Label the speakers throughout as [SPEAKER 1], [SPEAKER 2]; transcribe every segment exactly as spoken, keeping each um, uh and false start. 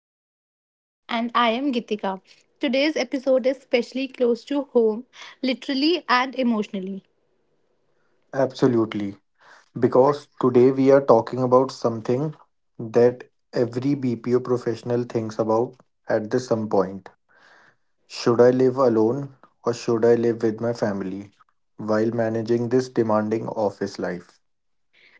[SPEAKER 1] Anirudh.
[SPEAKER 2] And I am Gitika. Today's episode is specially close to home, literally and emotionally.
[SPEAKER 1] Absolutely, because today we are talking about something that every B P O professional thinks about at the some point. Should I live alone or should I live with my family while managing this demanding office life?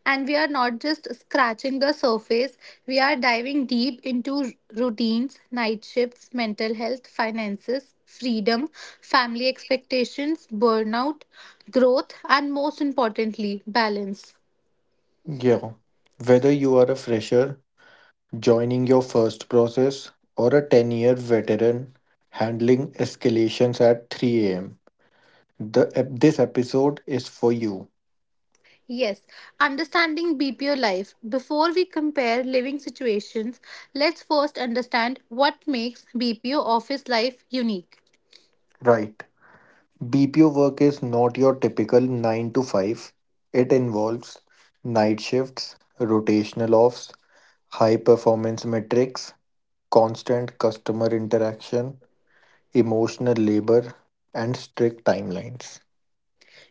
[SPEAKER 2] And we are not just scratching the surface, we are diving deep into r- routines, night shifts, mental health, finances, freedom, family expectations, burnout, growth, and most importantly, balance.
[SPEAKER 1] Yeah, whether you are a fresher joining your first process, or a ten year veteran handling escalations at three a m. The, ep- this episode is for you.
[SPEAKER 2] Yes, understanding B P O life. Before we compare living situations, let's first understand what makes B P O office life unique.
[SPEAKER 1] Right. B P O work is not your typical nine to five, it involves night shifts, rotational offs, high performance metrics, constant customer interaction, emotional labor, and strict timelines.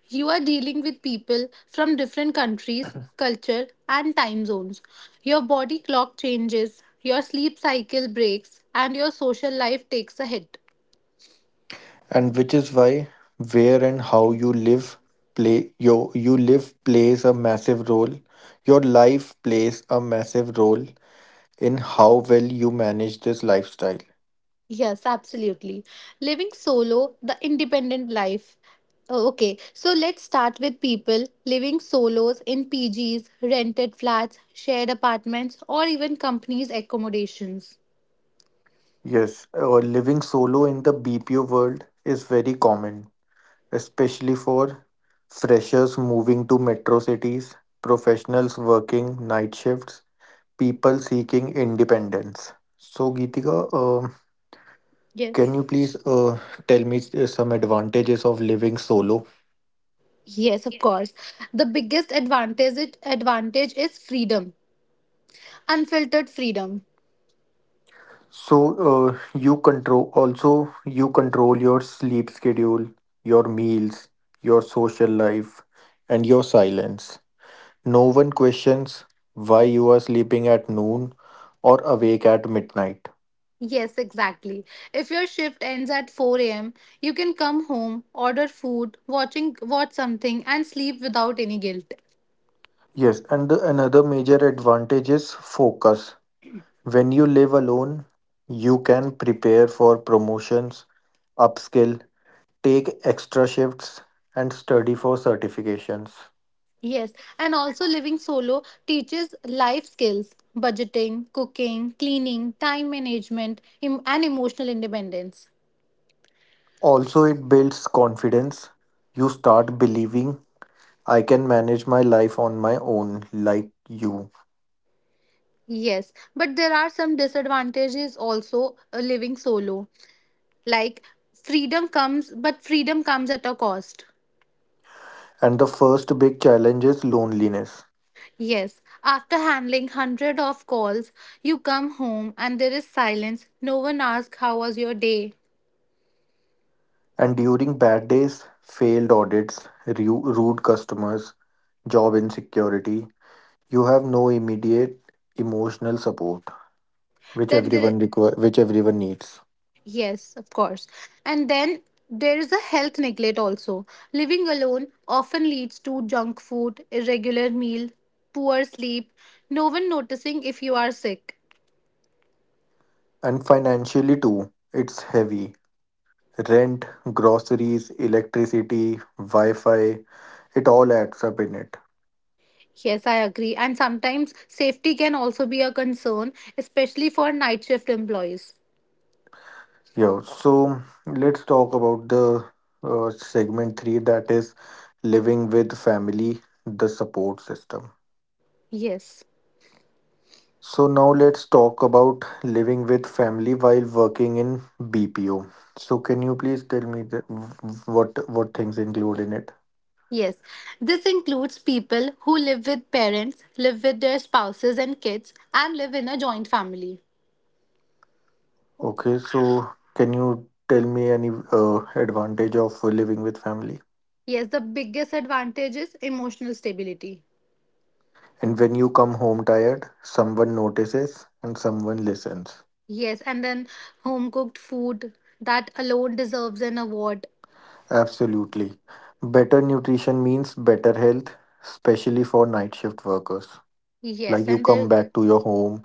[SPEAKER 2] You are dealing with people from different countries, culture, and time zones. Your body clock changes, your sleep cycle breaks, and your social life takes a hit.
[SPEAKER 1] And which is why where and how you live play yo you live plays a massive role your life plays a massive role in how well you manage this lifestyle.
[SPEAKER 2] Yes, absolutely. Living solo, the independent life. Oh, okay, so let's start with people living solos in P Gs, rented flats, shared apartments, or even companies' accommodations.
[SPEAKER 1] Yes, uh, living solo in the BPO world is very common, especially for freshers moving to metro cities, professionals working night shifts, people seeking independence. So Geetika, um can
[SPEAKER 2] Yes.
[SPEAKER 1] you please uh, tell me uh, some advantages of living solo?
[SPEAKER 2] Yes, of course. The biggest advantage it advantage is freedom. Unfiltered freedom.
[SPEAKER 1] So uh, you control also you control your sleep schedule, your meals, your social life, and your silence. No one questions why you are sleeping at noon or awake at midnight.
[SPEAKER 2] Yes, exactly. If your shift ends at four a m, you can come home, order food, watching watch something and sleep without any guilt.
[SPEAKER 1] Yes, and the, another major advantage is focus. When you live alone, you can prepare for promotions, upskill, take extra shifts, and study for certifications.
[SPEAKER 2] Yes, and also living solo teaches life skills, budgeting, cooking, cleaning, time management, em- and emotional independence.
[SPEAKER 1] Also, it builds confidence. You start believing I can manage my life on my own, like you.
[SPEAKER 2] Yes, but there are some disadvantages also uh, living solo. Like freedom comes, but freedom comes at a cost.
[SPEAKER 1] And the first big challenge is loneliness.
[SPEAKER 2] Yes, after handling hundred of calls, you come home and there is silence. No one asks how was your day.
[SPEAKER 1] And during bad days, failed audits, ru- rude customers, job insecurity, you have no immediate emotional support, which
[SPEAKER 2] Then there
[SPEAKER 1] everyone require, which everyone needs.
[SPEAKER 2] Yes, of course. And then there is a health neglect also. Living alone often leads to junk food, irregular meal, poor sleep, no one noticing if you are sick.
[SPEAKER 1] And financially too, it's heavy. Rent, groceries, electricity, Wi Fi, it all adds up in it.
[SPEAKER 2] Yes, I agree. And sometimes safety can also be a concern, especially for night shift employees.
[SPEAKER 1] Yeah, so let's talk about the uh, segment three, that is living with family, the support system.
[SPEAKER 2] Yes.
[SPEAKER 1] So now let's talk about living with family while working in B P O. So can you please tell me the, what what things include in it?
[SPEAKER 2] Yes. This includes people who live with parents, live with their spouses and kids, and live in a joint family.
[SPEAKER 1] Okay, so can you tell me any uh, advantage of living with family?
[SPEAKER 2] Yes, the biggest advantage is emotional stability.
[SPEAKER 1] And when you come home tired, someone notices and someone listens.
[SPEAKER 2] Yes, and then home cooked food that alone deserves an award.
[SPEAKER 1] Absolutely. Better nutrition means better health, especially for night shift workers. Like
[SPEAKER 2] Yes,
[SPEAKER 1] you
[SPEAKER 2] and
[SPEAKER 1] come
[SPEAKER 2] there,
[SPEAKER 1] back to your home,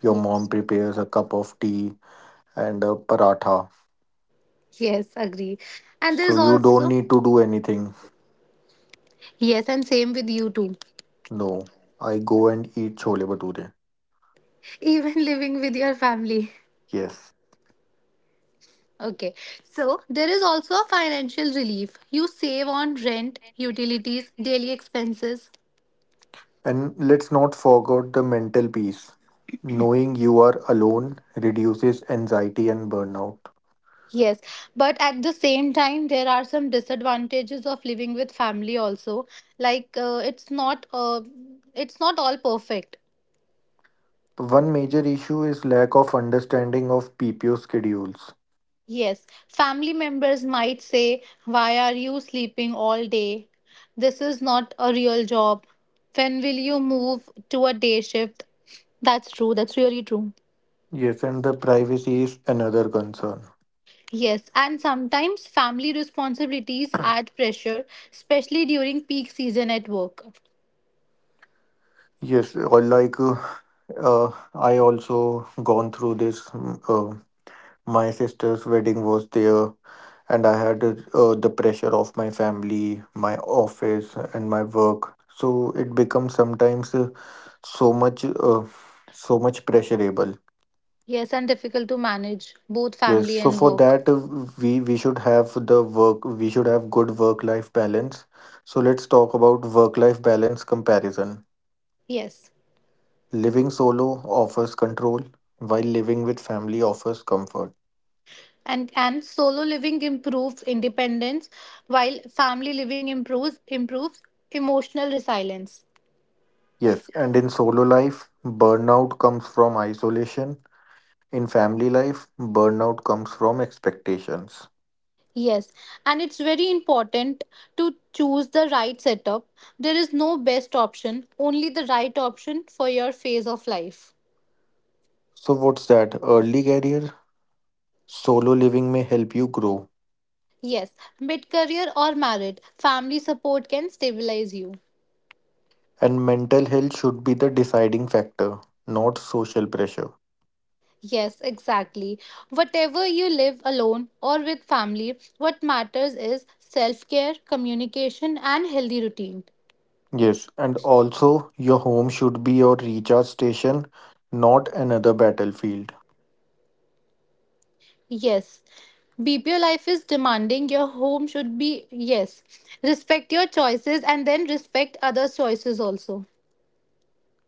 [SPEAKER 1] your mom
[SPEAKER 2] yes,
[SPEAKER 1] prepares a cup of tea and a paratha.
[SPEAKER 2] yes, agree. And
[SPEAKER 1] So
[SPEAKER 2] there's
[SPEAKER 1] you don't
[SPEAKER 2] also,
[SPEAKER 1] need to do anything.
[SPEAKER 2] yes, and same with you too,
[SPEAKER 1] No, I go and eat chole bhature.
[SPEAKER 2] even living with your family.
[SPEAKER 1] Yes.
[SPEAKER 2] Okay, so there is also a financial relief. You save on rent, utilities, daily expenses.
[SPEAKER 1] And let's not forget the mental peace. Knowing you are alone reduces anxiety and burnout.
[SPEAKER 2] Yes, but at the same time, there are some disadvantages of living with family also. Like, uh, it's not, uh, it's not all perfect.
[SPEAKER 1] One major issue is lack of understanding of P P O schedules.
[SPEAKER 2] Yes, family members might say, "Why are you sleeping all day? This is not a real job. When will you move to a day shift?" That's true, that's really true.
[SPEAKER 1] Yes, and the privacy is another concern.
[SPEAKER 2] Yes, and sometimes family responsibilities add pressure, especially during peak season at work.
[SPEAKER 1] Yes, or like uh, uh, I also gone through this. Mm, Uh, my sister's wedding was there, and I had uh, the pressure of my family, my office, and my work. So it becomes sometimes uh, so much, uh, so much pressurable.
[SPEAKER 2] Yes, and difficult to manage both
[SPEAKER 1] Yes,
[SPEAKER 2] family
[SPEAKER 1] so
[SPEAKER 2] and
[SPEAKER 1] for
[SPEAKER 2] work.
[SPEAKER 1] that, uh, we we should have the work we should have good work life balance. So let's talk about work life balance comparison.
[SPEAKER 2] Yes.
[SPEAKER 1] Living solo offers control while living with family offers comfort.
[SPEAKER 2] And and solo living improves independence while family living improves improves emotional resilience.
[SPEAKER 1] Yes, and in solo life burnout comes from isolation. In family life burnout comes from expectations.
[SPEAKER 2] Yes, and it's very important to choose the right setup. There is no best option, only the right option for your phase of life.
[SPEAKER 1] So what's that? Early career solo living may help you grow,
[SPEAKER 2] Yes, mid career or married, family support can stabilize you.
[SPEAKER 1] and mental health should be the deciding factor, not social pressure.
[SPEAKER 2] Yes, exactly. Whatever you live alone or with family, what matters is self care, communication, and healthy routine.
[SPEAKER 1] Yes, and also your home should be your recharge station, not another battlefield.
[SPEAKER 2] Yes. B P O life is demanding. Your home should be, yes. Respect your choices and then respect others' choices also.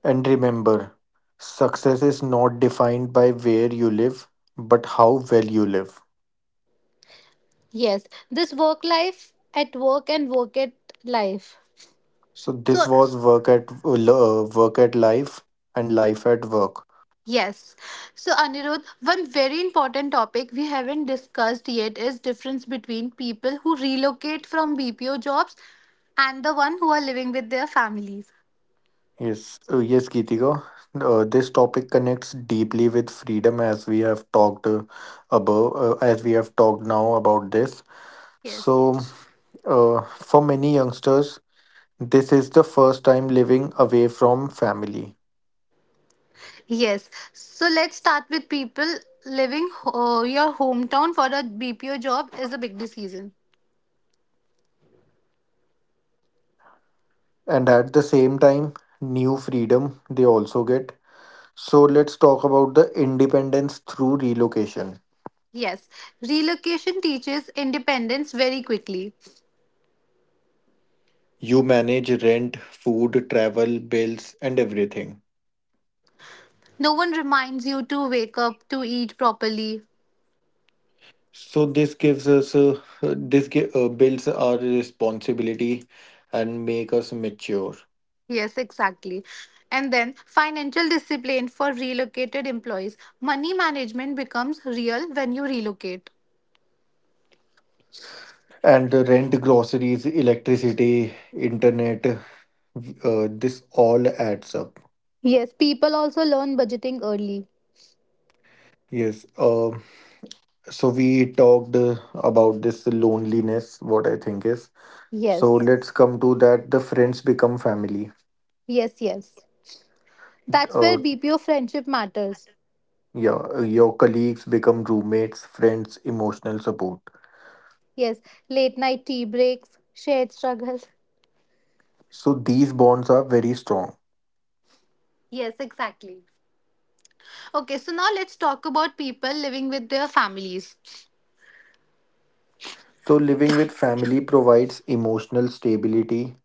[SPEAKER 1] And remember, success is not defined by where you live, but how well you live.
[SPEAKER 2] Yes. This work life at work and work at life.
[SPEAKER 1] So
[SPEAKER 2] So,
[SPEAKER 1] this was work at uh, work at life and life at work.
[SPEAKER 2] yes. So, Anirudh, one very important topic we haven't discussed yet is difference between people who relocate from B P O jobs and the one who are living with their families.
[SPEAKER 1] Yes, uh, yes, Geetika. Uh, this topic connects deeply with freedom, as we have talked uh, above, uh, as we have talked now about this.
[SPEAKER 2] Yes.
[SPEAKER 1] So, uh, for many youngsters, this is the first time living away from family,
[SPEAKER 2] Yes. So let's start with people leaving uh, your hometown for a B P O job is a big decision.
[SPEAKER 1] and at the same time, new freedom they also get. So, let's talk about the independence through relocation.
[SPEAKER 2] Yes. Relocation teaches independence very quickly.
[SPEAKER 1] You manage rent, food, travel, bills, and everything.
[SPEAKER 2] No one reminds you to wake up, to eat properly.
[SPEAKER 1] So, this gives us uh, uh, this gi- uh, builds our responsibility and make us mature.
[SPEAKER 2] Yes, exactly. And then financial discipline for relocated employees. Money management becomes real when you relocate.
[SPEAKER 1] And the rent, groceries, electricity, internet, uh, this all adds up.
[SPEAKER 2] Yes, people also learn budgeting early.
[SPEAKER 1] Yes. Um. So we talked uh, about this loneliness, what I think is. So
[SPEAKER 2] Yes.
[SPEAKER 1] let's come to that. The friends become family.
[SPEAKER 2] Yes, yes. That's where
[SPEAKER 1] Uh,
[SPEAKER 2] B P O friendship matters.
[SPEAKER 1] yeah, uh, your colleagues become roommates, friends, emotional support.
[SPEAKER 2] Yes, late night tea breaks, shared struggles.
[SPEAKER 1] So these bonds are very strong.
[SPEAKER 2] Yes, exactly. Okay, so now let's talk about people living with their families.
[SPEAKER 1] So living with family provides emotional stability,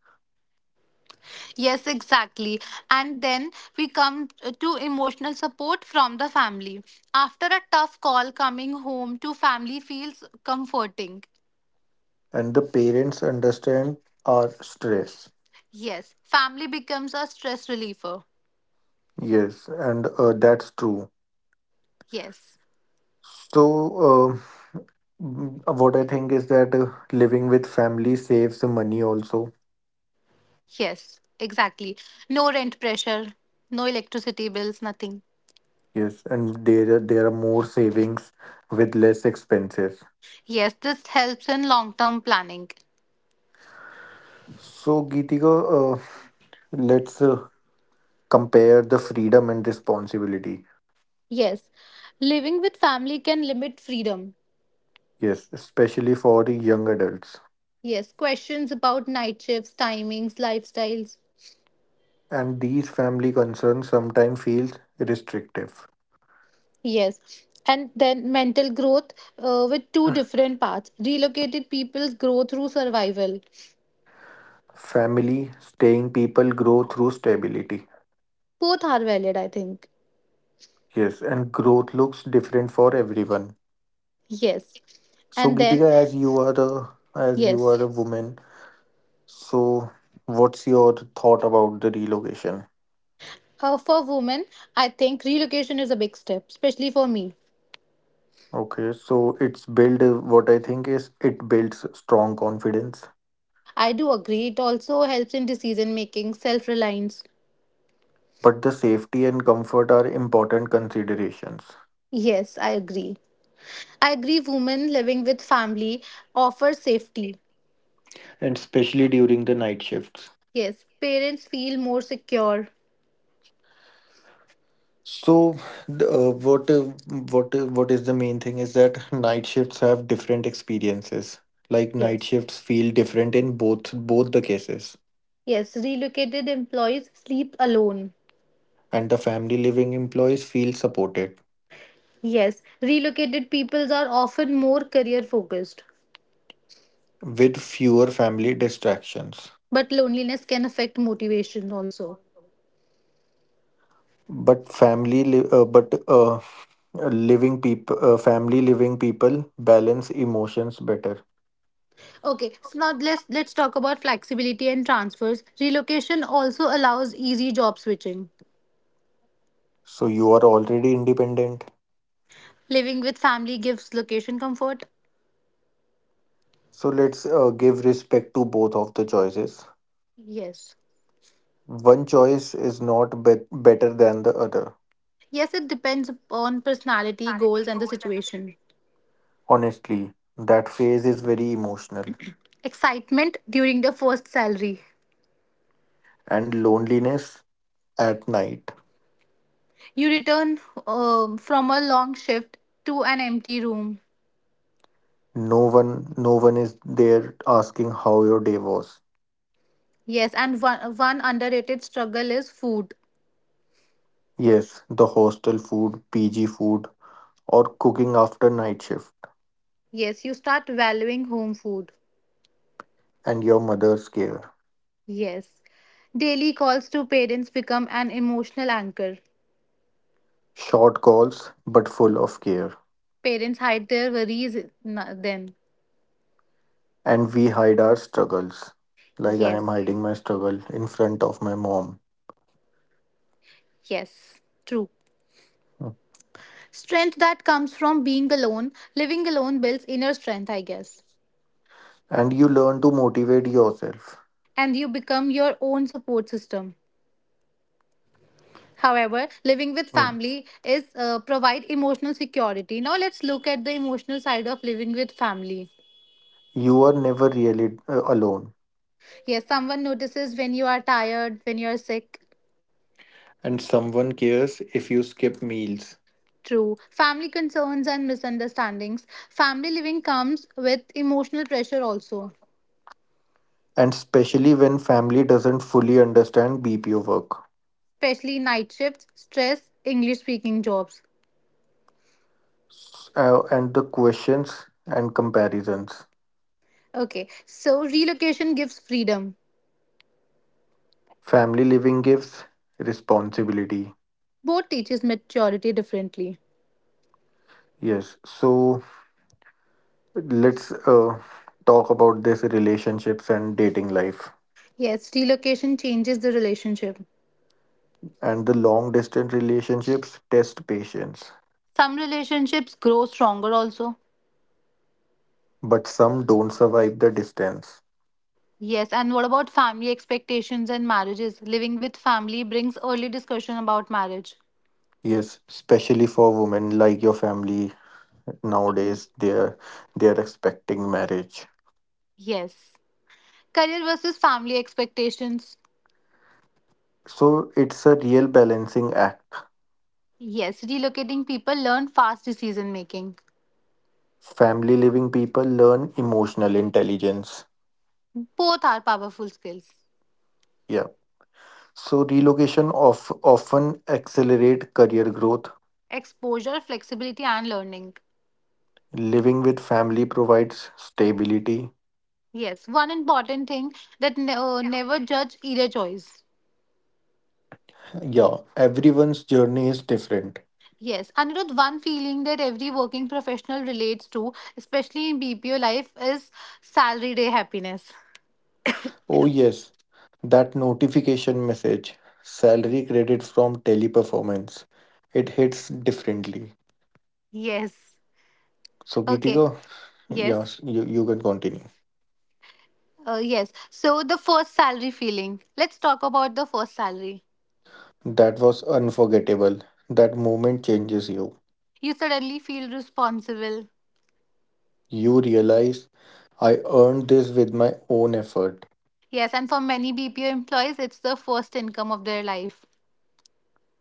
[SPEAKER 2] Yes, exactly. And then we come to emotional support from the family. After a tough call, coming home to family feels comforting.
[SPEAKER 1] and the parents understand our stress.
[SPEAKER 2] Yes, family becomes a stress reliever.
[SPEAKER 1] Yes, and uh, that's true.
[SPEAKER 2] Yes,
[SPEAKER 1] So. Uh, Mm, uh, What I think is that uh, living with family saves money also.
[SPEAKER 2] yes, exactly. No rent pressure, no electricity bills, nothing.
[SPEAKER 1] Yes, and there are, there are more savings with less expenses.
[SPEAKER 2] Yes, this helps in long term planning.
[SPEAKER 1] So, Geetika, uh, let's uh, compare the freedom and responsibility.
[SPEAKER 2] Yes, living with family can limit freedom.
[SPEAKER 1] Yes, especially for the young adults.
[SPEAKER 2] Yes, questions about night shifts, timings, lifestyles.
[SPEAKER 1] And these family concerns sometimes feels restrictive.
[SPEAKER 2] Yes, and then mental growth uh, with two different paths. Relocated people's grow through survival.
[SPEAKER 1] Family, staying people grow through stability.
[SPEAKER 2] Both are valid, I think.
[SPEAKER 1] Yes, and growth looks different for everyone.
[SPEAKER 2] Yes,
[SPEAKER 1] So,
[SPEAKER 2] and
[SPEAKER 1] Geetika,
[SPEAKER 2] then,
[SPEAKER 1] as you are a as you
[SPEAKER 2] yes,
[SPEAKER 1] are a woman, so what's your thought about the relocation?
[SPEAKER 2] uh, for women, I think relocation is a big step, especially for me.
[SPEAKER 1] Okay, so it's build what I think is it builds strong confidence,
[SPEAKER 2] I do agree. It also helps in decision making, self reliance.
[SPEAKER 1] but the safety and comfort are important considerations,
[SPEAKER 2] Yes, I agree. I agree women living with family offer safety.
[SPEAKER 1] and especially during the night shifts.
[SPEAKER 2] Yes, parents feel more secure.
[SPEAKER 1] So, the, uh, what uh, what uh, what is the main thing is that night shifts have different experiences. Like night
[SPEAKER 2] Yes.
[SPEAKER 1] shifts feel different in both both the cases,
[SPEAKER 2] Yes, relocated employees sleep alone.
[SPEAKER 1] and the family living employees feel supported
[SPEAKER 2] Yes, relocated peoples are often more career focused.
[SPEAKER 1] with fewer family distractions.
[SPEAKER 2] But loneliness can affect motivation also.
[SPEAKER 1] But family li- uh, but uh, living people uh, family living people balance emotions better,
[SPEAKER 2] Okay, so now let's let's talk about flexibility and transfers. Relocation also allows easy job switching.
[SPEAKER 1] so you are already independent,
[SPEAKER 2] Living with family gives location comfort.
[SPEAKER 1] so let's uh, give respect to both of the choices.
[SPEAKER 2] Yes.
[SPEAKER 1] One choice is not bet better than the other.
[SPEAKER 2] Yes, it depends upon personality, goals, and the situation.
[SPEAKER 1] Honestly, that phase is very emotional,
[SPEAKER 2] Excitement during the first salary.
[SPEAKER 1] and loneliness at night,
[SPEAKER 2] You return um, from a long shift to an empty room.
[SPEAKER 1] no one no one is there asking how your day was.
[SPEAKER 2] Yes, and one, one underrated struggle is food.
[SPEAKER 1] Yes, the hostel food, pg food, or cooking after night shift,
[SPEAKER 2] Yes, you start valuing home food.
[SPEAKER 1] and your mother's care.
[SPEAKER 2] Yes. Daily calls to parents become an emotional anchor.
[SPEAKER 1] Short calls, but full of care.
[SPEAKER 2] Parents hide their worries n- then.
[SPEAKER 1] And we hide our struggles. Like I am
[SPEAKER 2] Yes,
[SPEAKER 1] hiding my struggle in front of my mom.
[SPEAKER 2] yes, true.
[SPEAKER 1] Mm.
[SPEAKER 2] Strength that comes from being alone, living alone builds inner strength, I guess.
[SPEAKER 1] And you learn to motivate yourself.
[SPEAKER 2] And you become your own support system. However, living with
[SPEAKER 1] Mm.
[SPEAKER 2] family is uh, provide emotional security. Now let's look at the emotional side of living with family.
[SPEAKER 1] You are never really uh, alone.
[SPEAKER 2] Yes, someone notices when you are tired, when you are sick.
[SPEAKER 1] And someone cares if you skip meals.
[SPEAKER 2] True. Family concerns and misunderstandings. Family living comes with emotional pressure also,
[SPEAKER 1] And especially when family doesn't fully understand B P O work.
[SPEAKER 2] especially night shifts, stress, English speaking jobs.
[SPEAKER 1] S- uh, and the questions and comparisons.
[SPEAKER 2] Okay, so relocation gives freedom.
[SPEAKER 1] Family living gives responsibility.
[SPEAKER 2] Both teaches maturity differently.
[SPEAKER 1] Yes. So let's uh, talk about this relationships and dating life.
[SPEAKER 2] Yes, relocation changes the relationship.
[SPEAKER 1] And the long distance relationships test patience,
[SPEAKER 2] Some relationships grow stronger also.
[SPEAKER 1] but some don't survive the distance.
[SPEAKER 2] Yes, and what about family expectations and marriages? Living with family brings early discussion about marriage.
[SPEAKER 1] Yes, especially for women, like your family
[SPEAKER 2] Y-
[SPEAKER 1] nowadays, they're they're expecting marriage.
[SPEAKER 2] Yes. Career versus family expectations.
[SPEAKER 1] So it's a real balancing act.
[SPEAKER 2] Yes, relocating people learn fast decision making.
[SPEAKER 1] Family living people learn emotional intelligence.
[SPEAKER 2] Both are powerful skills.
[SPEAKER 1] Yeah. So relocation of often accelerate career growth.
[SPEAKER 2] Exposure, flexibility, and learning.
[SPEAKER 1] Living with family provides stability.
[SPEAKER 2] Yes, one important thing that ne- uh, never judge either choice.
[SPEAKER 1] Yeah, everyone's journey is different.
[SPEAKER 2] Yes, Anirudh, one feeling that every working professional relates to, especially in B P O life, is salary day happiness.
[SPEAKER 1] Oh, yes, that notification message, salary credit from teleperformance, it hits differently.
[SPEAKER 2] Yes.
[SPEAKER 1] So,
[SPEAKER 2] Okay.
[SPEAKER 1] Gitika,
[SPEAKER 2] Yes.
[SPEAKER 1] yes, you, you can continue.
[SPEAKER 2] Uh, yes. So the first salary feeling. Let's talk about the first salary.
[SPEAKER 1] That was unforgettable. That moment changes you.
[SPEAKER 2] You suddenly feel responsible.
[SPEAKER 1] You realize I earned this with my own effort.
[SPEAKER 2] Yes, and for many B P O employees, it's the first income of their life.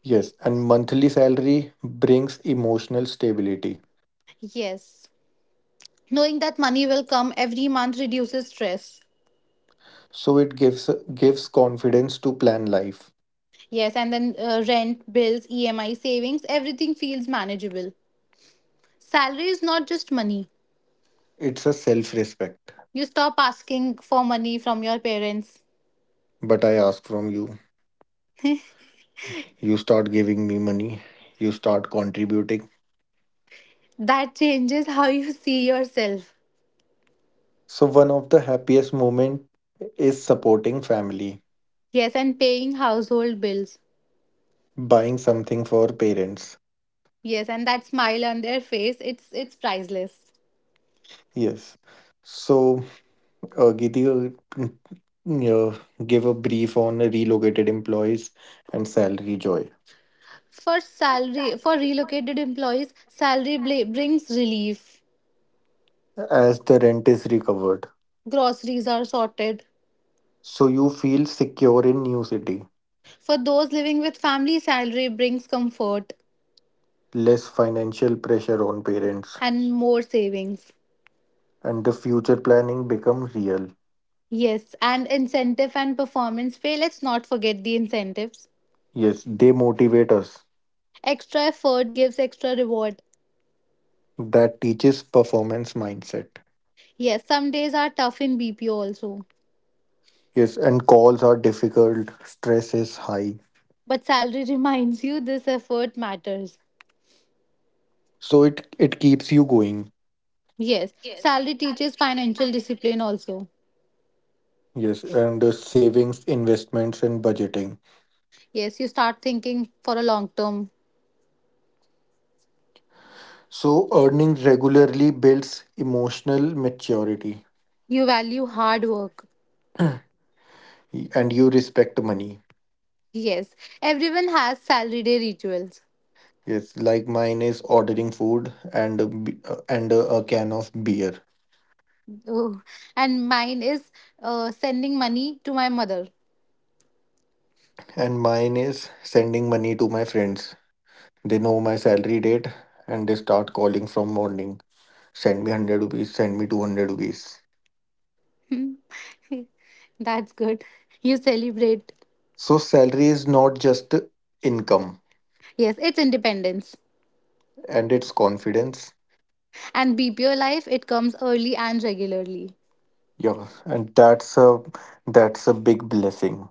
[SPEAKER 1] Yes, and monthly salary brings emotional stability.
[SPEAKER 2] Yes. Knowing that money will come every month reduces stress.
[SPEAKER 1] So it gives gives confidence to plan life.
[SPEAKER 2] Yes, and then uh, rent, bills, E M I, savings, everything feels manageable. Salary is not just money.
[SPEAKER 1] It's a self-respect.
[SPEAKER 2] You stop asking for money from your parents.
[SPEAKER 1] But I ask from you, you start giving me money, you start contributing.
[SPEAKER 2] That changes how you see yourself.
[SPEAKER 1] So one of the happiest moment is supporting family,
[SPEAKER 2] Yes, and paying household bills.
[SPEAKER 1] buying something for parents.
[SPEAKER 2] Yes, and that smile on their face, it's it's priceless.
[SPEAKER 1] Yes. So uh, Giti, uh, yeah, give a brief on relocated employees and salary joy
[SPEAKER 2] For salary for relocated employees, salary bla- brings relief.
[SPEAKER 1] as the rent is recovered.
[SPEAKER 2] Groceries are sorted.
[SPEAKER 1] So you feel secure in new city.
[SPEAKER 2] For those living with family, salary brings comfort
[SPEAKER 1] Less financial pressure on parents,
[SPEAKER 2] and more savings.
[SPEAKER 1] and the future planning becomes real.
[SPEAKER 2] Yes, and incentive and performance pay. Let's not forget the incentives.
[SPEAKER 1] Yes, they motivate us.
[SPEAKER 2] Extra effort gives extra reward.
[SPEAKER 1] That teaches performance mindset.
[SPEAKER 2] Yes, some days are tough in B P O also,
[SPEAKER 1] Yes, and calls are difficult, stress is high.
[SPEAKER 2] but salary reminds you this effort matters.
[SPEAKER 1] So it, it keeps you going.
[SPEAKER 2] Yes, salary teaches financial discipline also.
[SPEAKER 1] Yes, and the savings, investments, and budgeting.
[SPEAKER 2] Yes, you start thinking for a long term.
[SPEAKER 1] So earning regularly builds emotional maturity
[SPEAKER 2] You value hard work.
[SPEAKER 1] and you respect money.
[SPEAKER 2] Yes, everyone has salary day rituals.
[SPEAKER 1] Yes, like mine is ordering food and a, b- uh, and a, a can of beer.
[SPEAKER 2] Oh, and mine is uh, sending money to my mother.
[SPEAKER 1] And mine is sending money to my friends. They know my salary date and they start calling from morning. Send me hundred rupees, send me two hundred rupees.
[SPEAKER 2] Hmm, that's good. You celebrate.
[SPEAKER 1] So, salary is not just income
[SPEAKER 2] Yes, it's independence.
[SPEAKER 1] and it's confidence.
[SPEAKER 2] And B P O life, it comes early and regularly.
[SPEAKER 1] Yeah, and that's a that's a big blessing.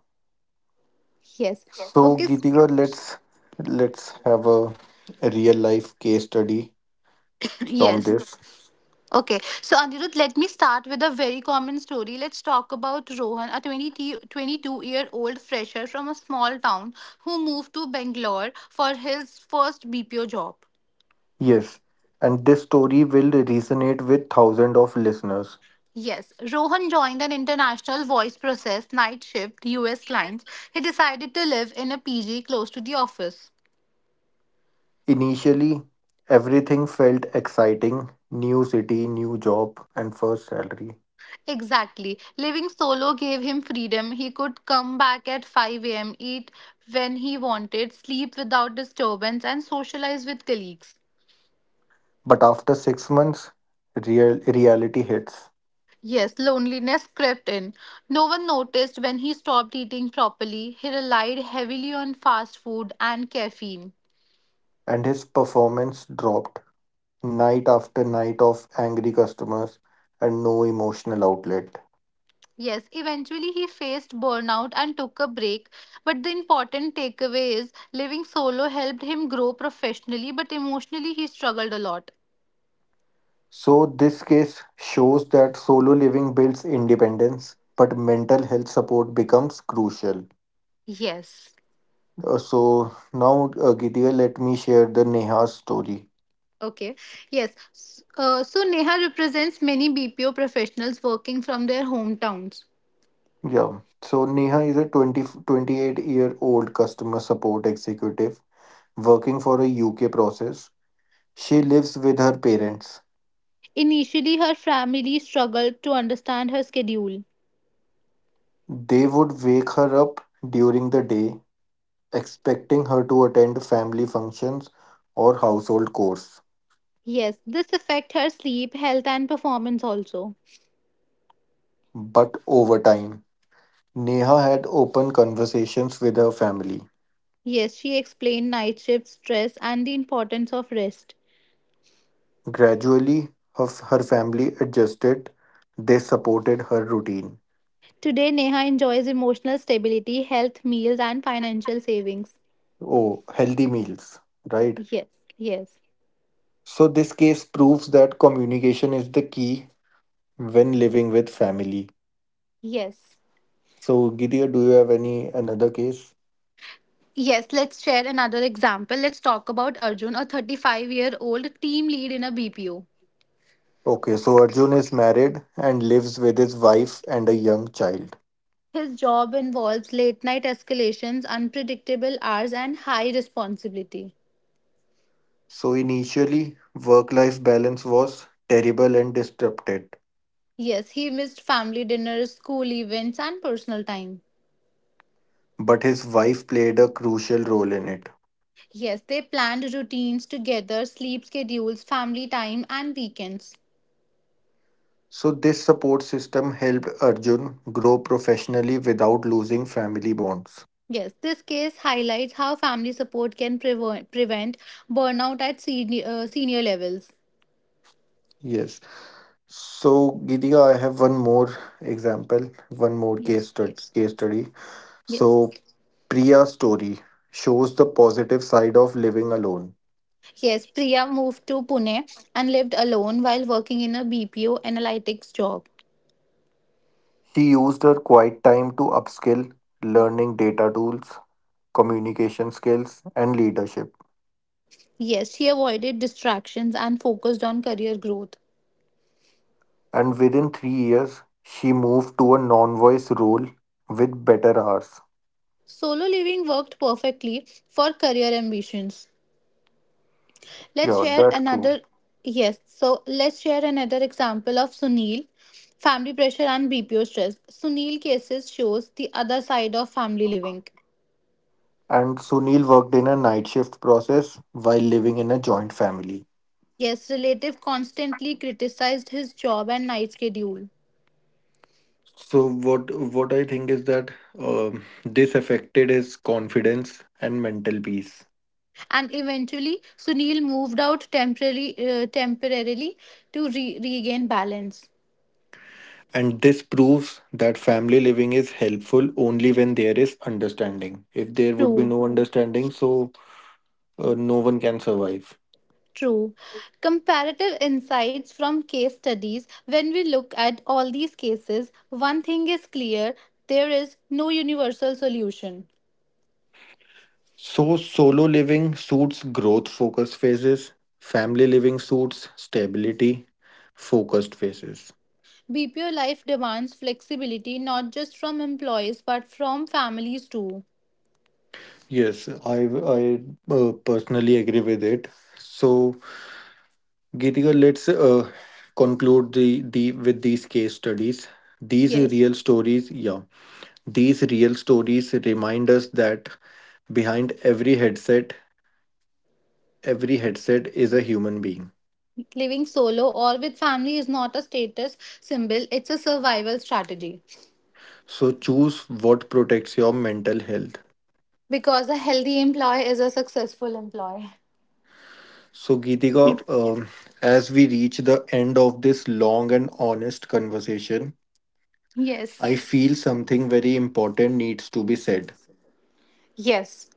[SPEAKER 2] Yes.
[SPEAKER 1] Yes. So,
[SPEAKER 2] Okay. s-
[SPEAKER 1] Gitika, let's let's have a, a real life case study from
[SPEAKER 2] Yes.
[SPEAKER 1] this.
[SPEAKER 2] Okay, so Anirudh, let me start with a very common story. Let's talk about Rohan, a twenty t- twenty-two year old fresher from a small town who moved to Bangalore for his first B P O job.
[SPEAKER 1] Yes, and this story will resonate with thousands of listeners.
[SPEAKER 2] Yes, Rohan joined an international voice process night shift U S lines. He decided to live in a P G close to the office.
[SPEAKER 1] Initially, everything felt exciting: new city, new job, and first salary.
[SPEAKER 2] Exactly. Living solo gave him freedom. He could come back at five a m, eat when he wanted, sleep without disturbance, and socialize with colleagues.
[SPEAKER 1] But after six months, real, reality hits,
[SPEAKER 2] Yes, loneliness crept in. No one noticed when he stopped eating properly. He relied heavily on fast food and caffeine.
[SPEAKER 1] and his performance dropped night after night of angry customers and no emotional outlet.
[SPEAKER 2] Yes, eventually he faced burnout and took a break. But the important takeaway is living solo helped him grow professionally, but emotionally he struggled a lot.
[SPEAKER 1] So, this case shows that solo living builds independence, but mental health support becomes crucial.
[SPEAKER 2] Yes.
[SPEAKER 1] Uh, so, now, uh, Gidea, let me share the Neha story.
[SPEAKER 2] Okay. Yes. S- Uh, so Neha represents many B P O professionals working from their hometowns.
[SPEAKER 1] Yeah. So Neha is a twenty twenty eight year old customer support executive working for a U K process. She lives with her parents.
[SPEAKER 2] Initially, her family struggled to understand her schedule.
[SPEAKER 1] They would wake her up during the day, expecting her to attend family functions or household chores.
[SPEAKER 2] Yes, this affect her sleep, health and performance also.
[SPEAKER 1] But over time, Neha had open conversations with her family.
[SPEAKER 2] Yes, she explained night shift stress and the importance of rest.
[SPEAKER 1] Gradually, her, her family adjusted. They supported her routine.
[SPEAKER 2] Today Neha enjoys emotional stability, health, meals and financial savings.
[SPEAKER 1] Oh, healthy meals, right?
[SPEAKER 2] Yes, yes.
[SPEAKER 1] So, this case proves that communication is the key when living with family.
[SPEAKER 2] Yes.
[SPEAKER 1] So, Gideon, do you have any another case?
[SPEAKER 2] Yes, let's share another example. Let's talk about Arjun, a thirty-five year old team lead in a B P O.
[SPEAKER 1] Okay, so Arjun is married and lives with his wife and a young child.
[SPEAKER 2] His job involves late night escalations, unpredictable hours, and high responsibility.
[SPEAKER 1] So, initially, work life balance was terrible and disrupted,
[SPEAKER 2] Yes, he missed family dinners, school events, and personal time.
[SPEAKER 1] but his wife played a crucial role in it.
[SPEAKER 2] Yes, they planned routines together, sleep schedules, family time, and weekends.
[SPEAKER 1] So, this support system helped Arjun grow professionally without losing family bonds.
[SPEAKER 2] Yes, this case highlights how family support can prevent prevent burnout at senior, uh, senior levels.
[SPEAKER 1] Yes. So, Gitika, I have one more example, one more case
[SPEAKER 2] Yes,
[SPEAKER 1] study. Case study. So,
[SPEAKER 2] yes.
[SPEAKER 1] Priya's story shows the positive side of living alone.
[SPEAKER 2] Yes, Priya moved to Pune and lived alone while working in a B P O analytics job.
[SPEAKER 1] She used her quiet time to upskill, learning data tools, communication skills, and leadership.
[SPEAKER 2] Yes, she avoided distractions and focused on career growth.
[SPEAKER 1] And within three years, she moved to a non-voice role with better hours.
[SPEAKER 2] Solo living worked perfectly for career ambitions. Let's
[SPEAKER 1] Yeah,
[SPEAKER 2] share
[SPEAKER 1] that's true.
[SPEAKER 2] another. Yes, so let's share another example of Sunil, family pressure and B P O stress. Sunil cases shows the other side of family living.
[SPEAKER 1] And Sunil worked in a night shift process while living in a joint family.
[SPEAKER 2] Yes, relative constantly criticized his job and night schedule.
[SPEAKER 1] So what what I think is that um, this affected his confidence and mental peace.
[SPEAKER 2] And eventually, Sunil moved out temporarily, uh, temporarily to re- regain balance.
[SPEAKER 1] And this proves that family living is helpful only when there is understanding. If there would be
[SPEAKER 2] True.
[SPEAKER 1] no understanding, so uh, no one can survive.
[SPEAKER 2] True. Comparative insights from case studies. When we look at all these cases, one thing is clear there is no universal solution.
[SPEAKER 1] So solo living suits growth focused phases, family living suits stability focused phases.
[SPEAKER 2] B P O life demands flexibility not just from employees but from families too.
[SPEAKER 1] Yes, I I uh, personally agree with it. So Geetika, let's uh, conclude the, the with these case studies. These
[SPEAKER 2] Yes.
[SPEAKER 1] real stories, yeah, these real stories remind us that behind every headset, every headset is a human being.
[SPEAKER 2] Living solo or with family is not a status symbol, it's a survival strategy.
[SPEAKER 1] So choose what protects your mental health.
[SPEAKER 2] Because a healthy employee is a successful employee.
[SPEAKER 1] So Geetika, um, as we reach the end of this long and honest conversation, I
[SPEAKER 2] Yes.
[SPEAKER 1] feel something very important needs to be said.
[SPEAKER 2] Yes.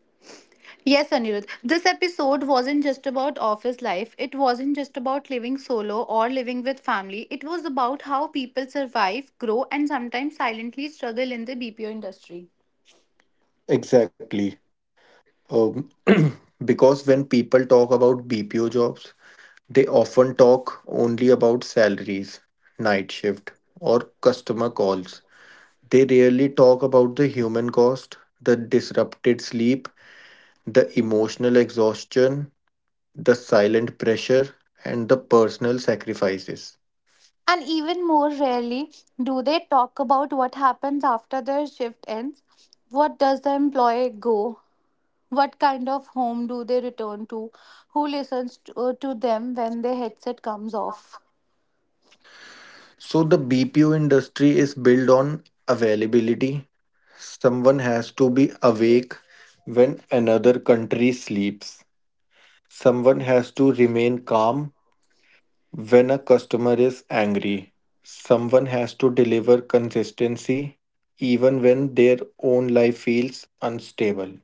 [SPEAKER 2] Yes, Anirudh. This episode wasn't just about office life. It wasn't just about living solo or living with family. It was about how people survive, grow, and sometimes silently struggle in the B P O industry.
[SPEAKER 1] Exactly. Um, because when people talk about B P O jobs, they often talk only about salaries, night shift, or customer calls. They rarely talk about the human cost, the disrupted sleep, the emotional exhaustion, the silent pressure, and the personal sacrifices.
[SPEAKER 2] And even more rarely do they talk about what happens after their shift ends. What does the employee go? What kind of home do they return to? Who listens to, uh, to them when their headset comes off?
[SPEAKER 1] So, the B P O industry is built on availability. Someone has to be awake when another country sleeps. Someone has to remain calm when a customer is angry, someone has to deliver consistency even when their own life feels unstable.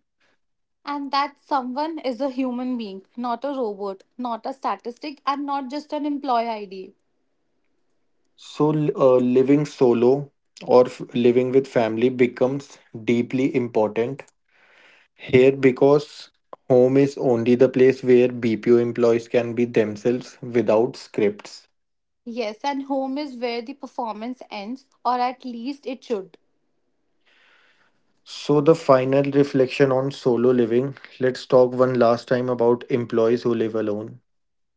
[SPEAKER 2] And that someone is a human being, not a robot, not a statistic, and not just an employee I D.
[SPEAKER 1] So, uh, living solo or f- living with family becomes deeply important here because home is only the place where B P O employees can be themselves without scripts.
[SPEAKER 2] Yes, and home is where the performance ends, or at least it should.
[SPEAKER 1] So, the final reflection on solo living, let's talk one last time about employees who live alone.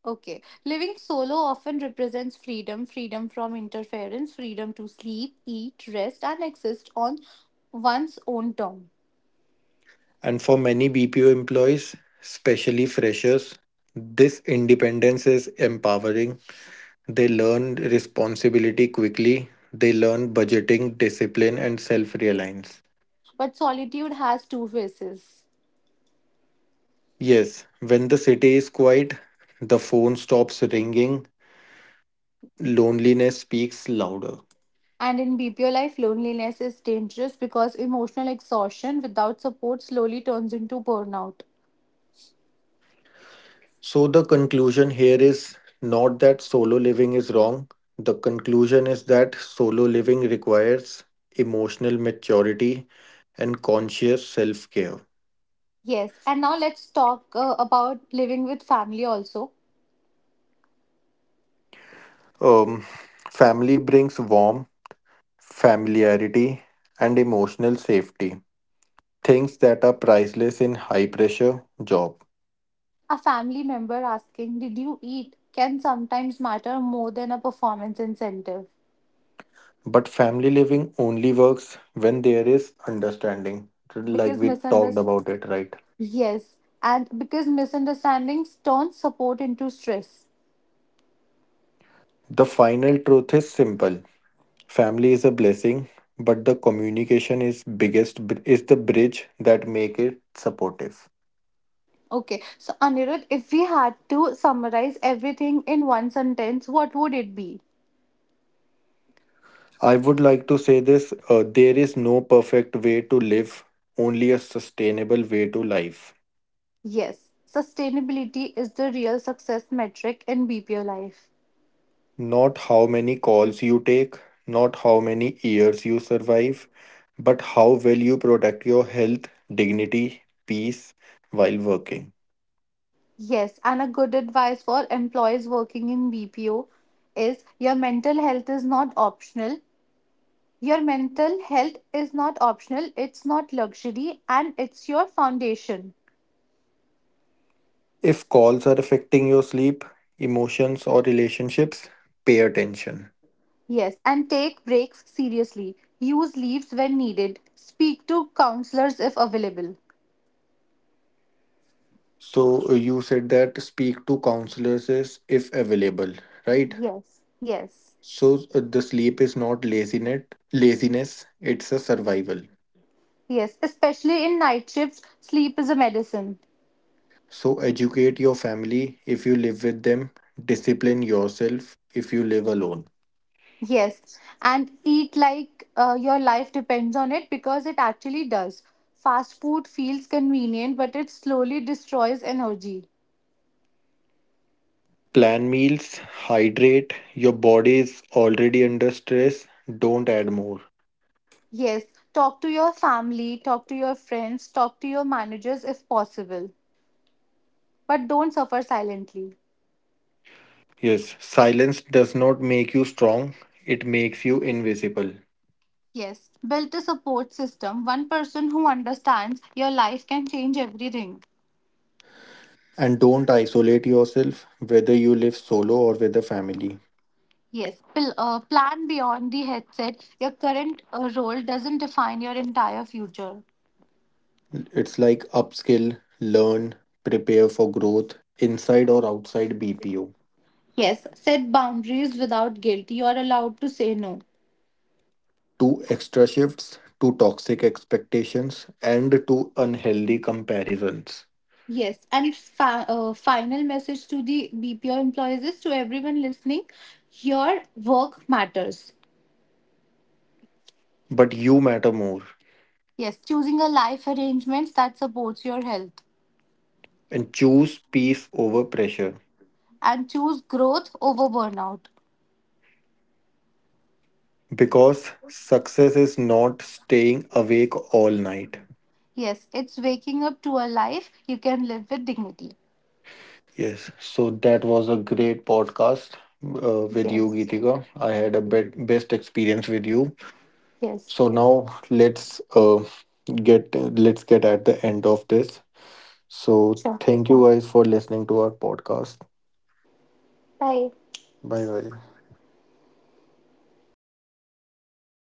[SPEAKER 2] Okay, living solo often represents freedom freedom from interference, freedom to sleep, eat, rest, and exist on one's own term.
[SPEAKER 1] And for many B P O employees, especially freshers, this independence is empowering. They learn responsibility quickly, they learn budgeting, discipline, and self reliance.
[SPEAKER 2] But solitude has two faces.
[SPEAKER 1] Yes, when the city is quiet, the phone stops ringing, loneliness speaks louder.
[SPEAKER 2] And in B P O life, loneliness is dangerous because emotional exhaustion without support slowly turns into burnout.
[SPEAKER 1] So, the conclusion here is not that solo living is wrong, the conclusion is that solo living requires emotional maturity and conscious self care.
[SPEAKER 2] Yes, and now let's talk uh, about living with family also.
[SPEAKER 1] Um, family brings warmth, familiarity, and emotional safety, things that are priceless in high pressure job.
[SPEAKER 2] A family member asking, "Did you eat?" can sometimes matter more than a performance incentive
[SPEAKER 1] But family living only works when there is understanding, like
[SPEAKER 2] because
[SPEAKER 1] we talked
[SPEAKER 2] misunderstandings,
[SPEAKER 1] about it, right?
[SPEAKER 2] yes, and because misunderstandings turn support into stress.
[SPEAKER 1] The final truth is simple. Family is a blessing, but the communication is biggest is the bridge that make it supportive.
[SPEAKER 2] Okay, so Anirudh, if we had to summarize everything in one sentence, what would it be?
[SPEAKER 1] I would like to say this uh, there is no perfect way to live, only a sustainable way to life.
[SPEAKER 2] Yes, sustainability is the real success metric in B P O life.
[SPEAKER 1] Not how many calls you take, not how many years you survive, but how well you protect your health, dignity, peace while working.
[SPEAKER 2] Yes, and a good advice for employees working in B P O is your mental health is not optional. Your mental health is not optional, it's not luxury, and it's your foundation.
[SPEAKER 1] If calls are affecting your sleep, emotions, or relationships, pay attention.
[SPEAKER 2] Yes, and take breaks seriously. Use leaves when needed. Speak to counselors if available.
[SPEAKER 1] So, uh, you said that speak to counselors is if available, right?
[SPEAKER 2] Yes, yes,
[SPEAKER 1] So uh, the sleep is not laziness, laziness, it's a survival.
[SPEAKER 2] yes. Especially in night shifts, sleep is a medicine.
[SPEAKER 1] So educate your family if you live with them, discipline yourself if you live alone.
[SPEAKER 2] Yes, and eat like uh, your life depends on it because it actually does. Fast food feels convenient, but it slowly destroys energy.
[SPEAKER 1] Plan meals, hydrate, your body is already under stress, don't add more.
[SPEAKER 2] Yes, talk to your family, talk to your friends, talk to your managers if possible, but don't suffer silently.
[SPEAKER 1] Yes, silence does not make you strong, it makes you invisible.
[SPEAKER 2] Yes, build a support system. One person who understands your life can change everything.
[SPEAKER 1] And don't isolate yourself whether you live solo or with a family.
[SPEAKER 2] Yes, pl- uh, plan beyond the headset. Your current uh, role doesn't define your entire future.
[SPEAKER 1] It's like upskill, learn, prepare for growth inside or outside B P O.
[SPEAKER 2] Yes, set boundaries without guilt. You are allowed to say no.
[SPEAKER 1] Two extra shifts, two toxic expectations, and two unhealthy comparisons.
[SPEAKER 2] Yes, and fa- uh, final message to the B P O employees is to everyone listening your work matters.
[SPEAKER 1] But you matter more
[SPEAKER 2] Yes, choosing a life arrangements that supports your health
[SPEAKER 1] and choose peace over pressure
[SPEAKER 2] and choose growth over burnout.
[SPEAKER 1] because success is not staying awake all night.
[SPEAKER 2] Yes, it's waking up to a life you can live with dignity.
[SPEAKER 1] Yes, so that was a great podcast uh, with you,
[SPEAKER 2] Yes,
[SPEAKER 1] Geetika. I had a bet- best experience with you.
[SPEAKER 2] yes.
[SPEAKER 1] So now let's uh, get let's get at the end of this. So
[SPEAKER 2] Sure.
[SPEAKER 1] thank you guys for listening to our podcast.
[SPEAKER 2] Bye.
[SPEAKER 1] Bye bye.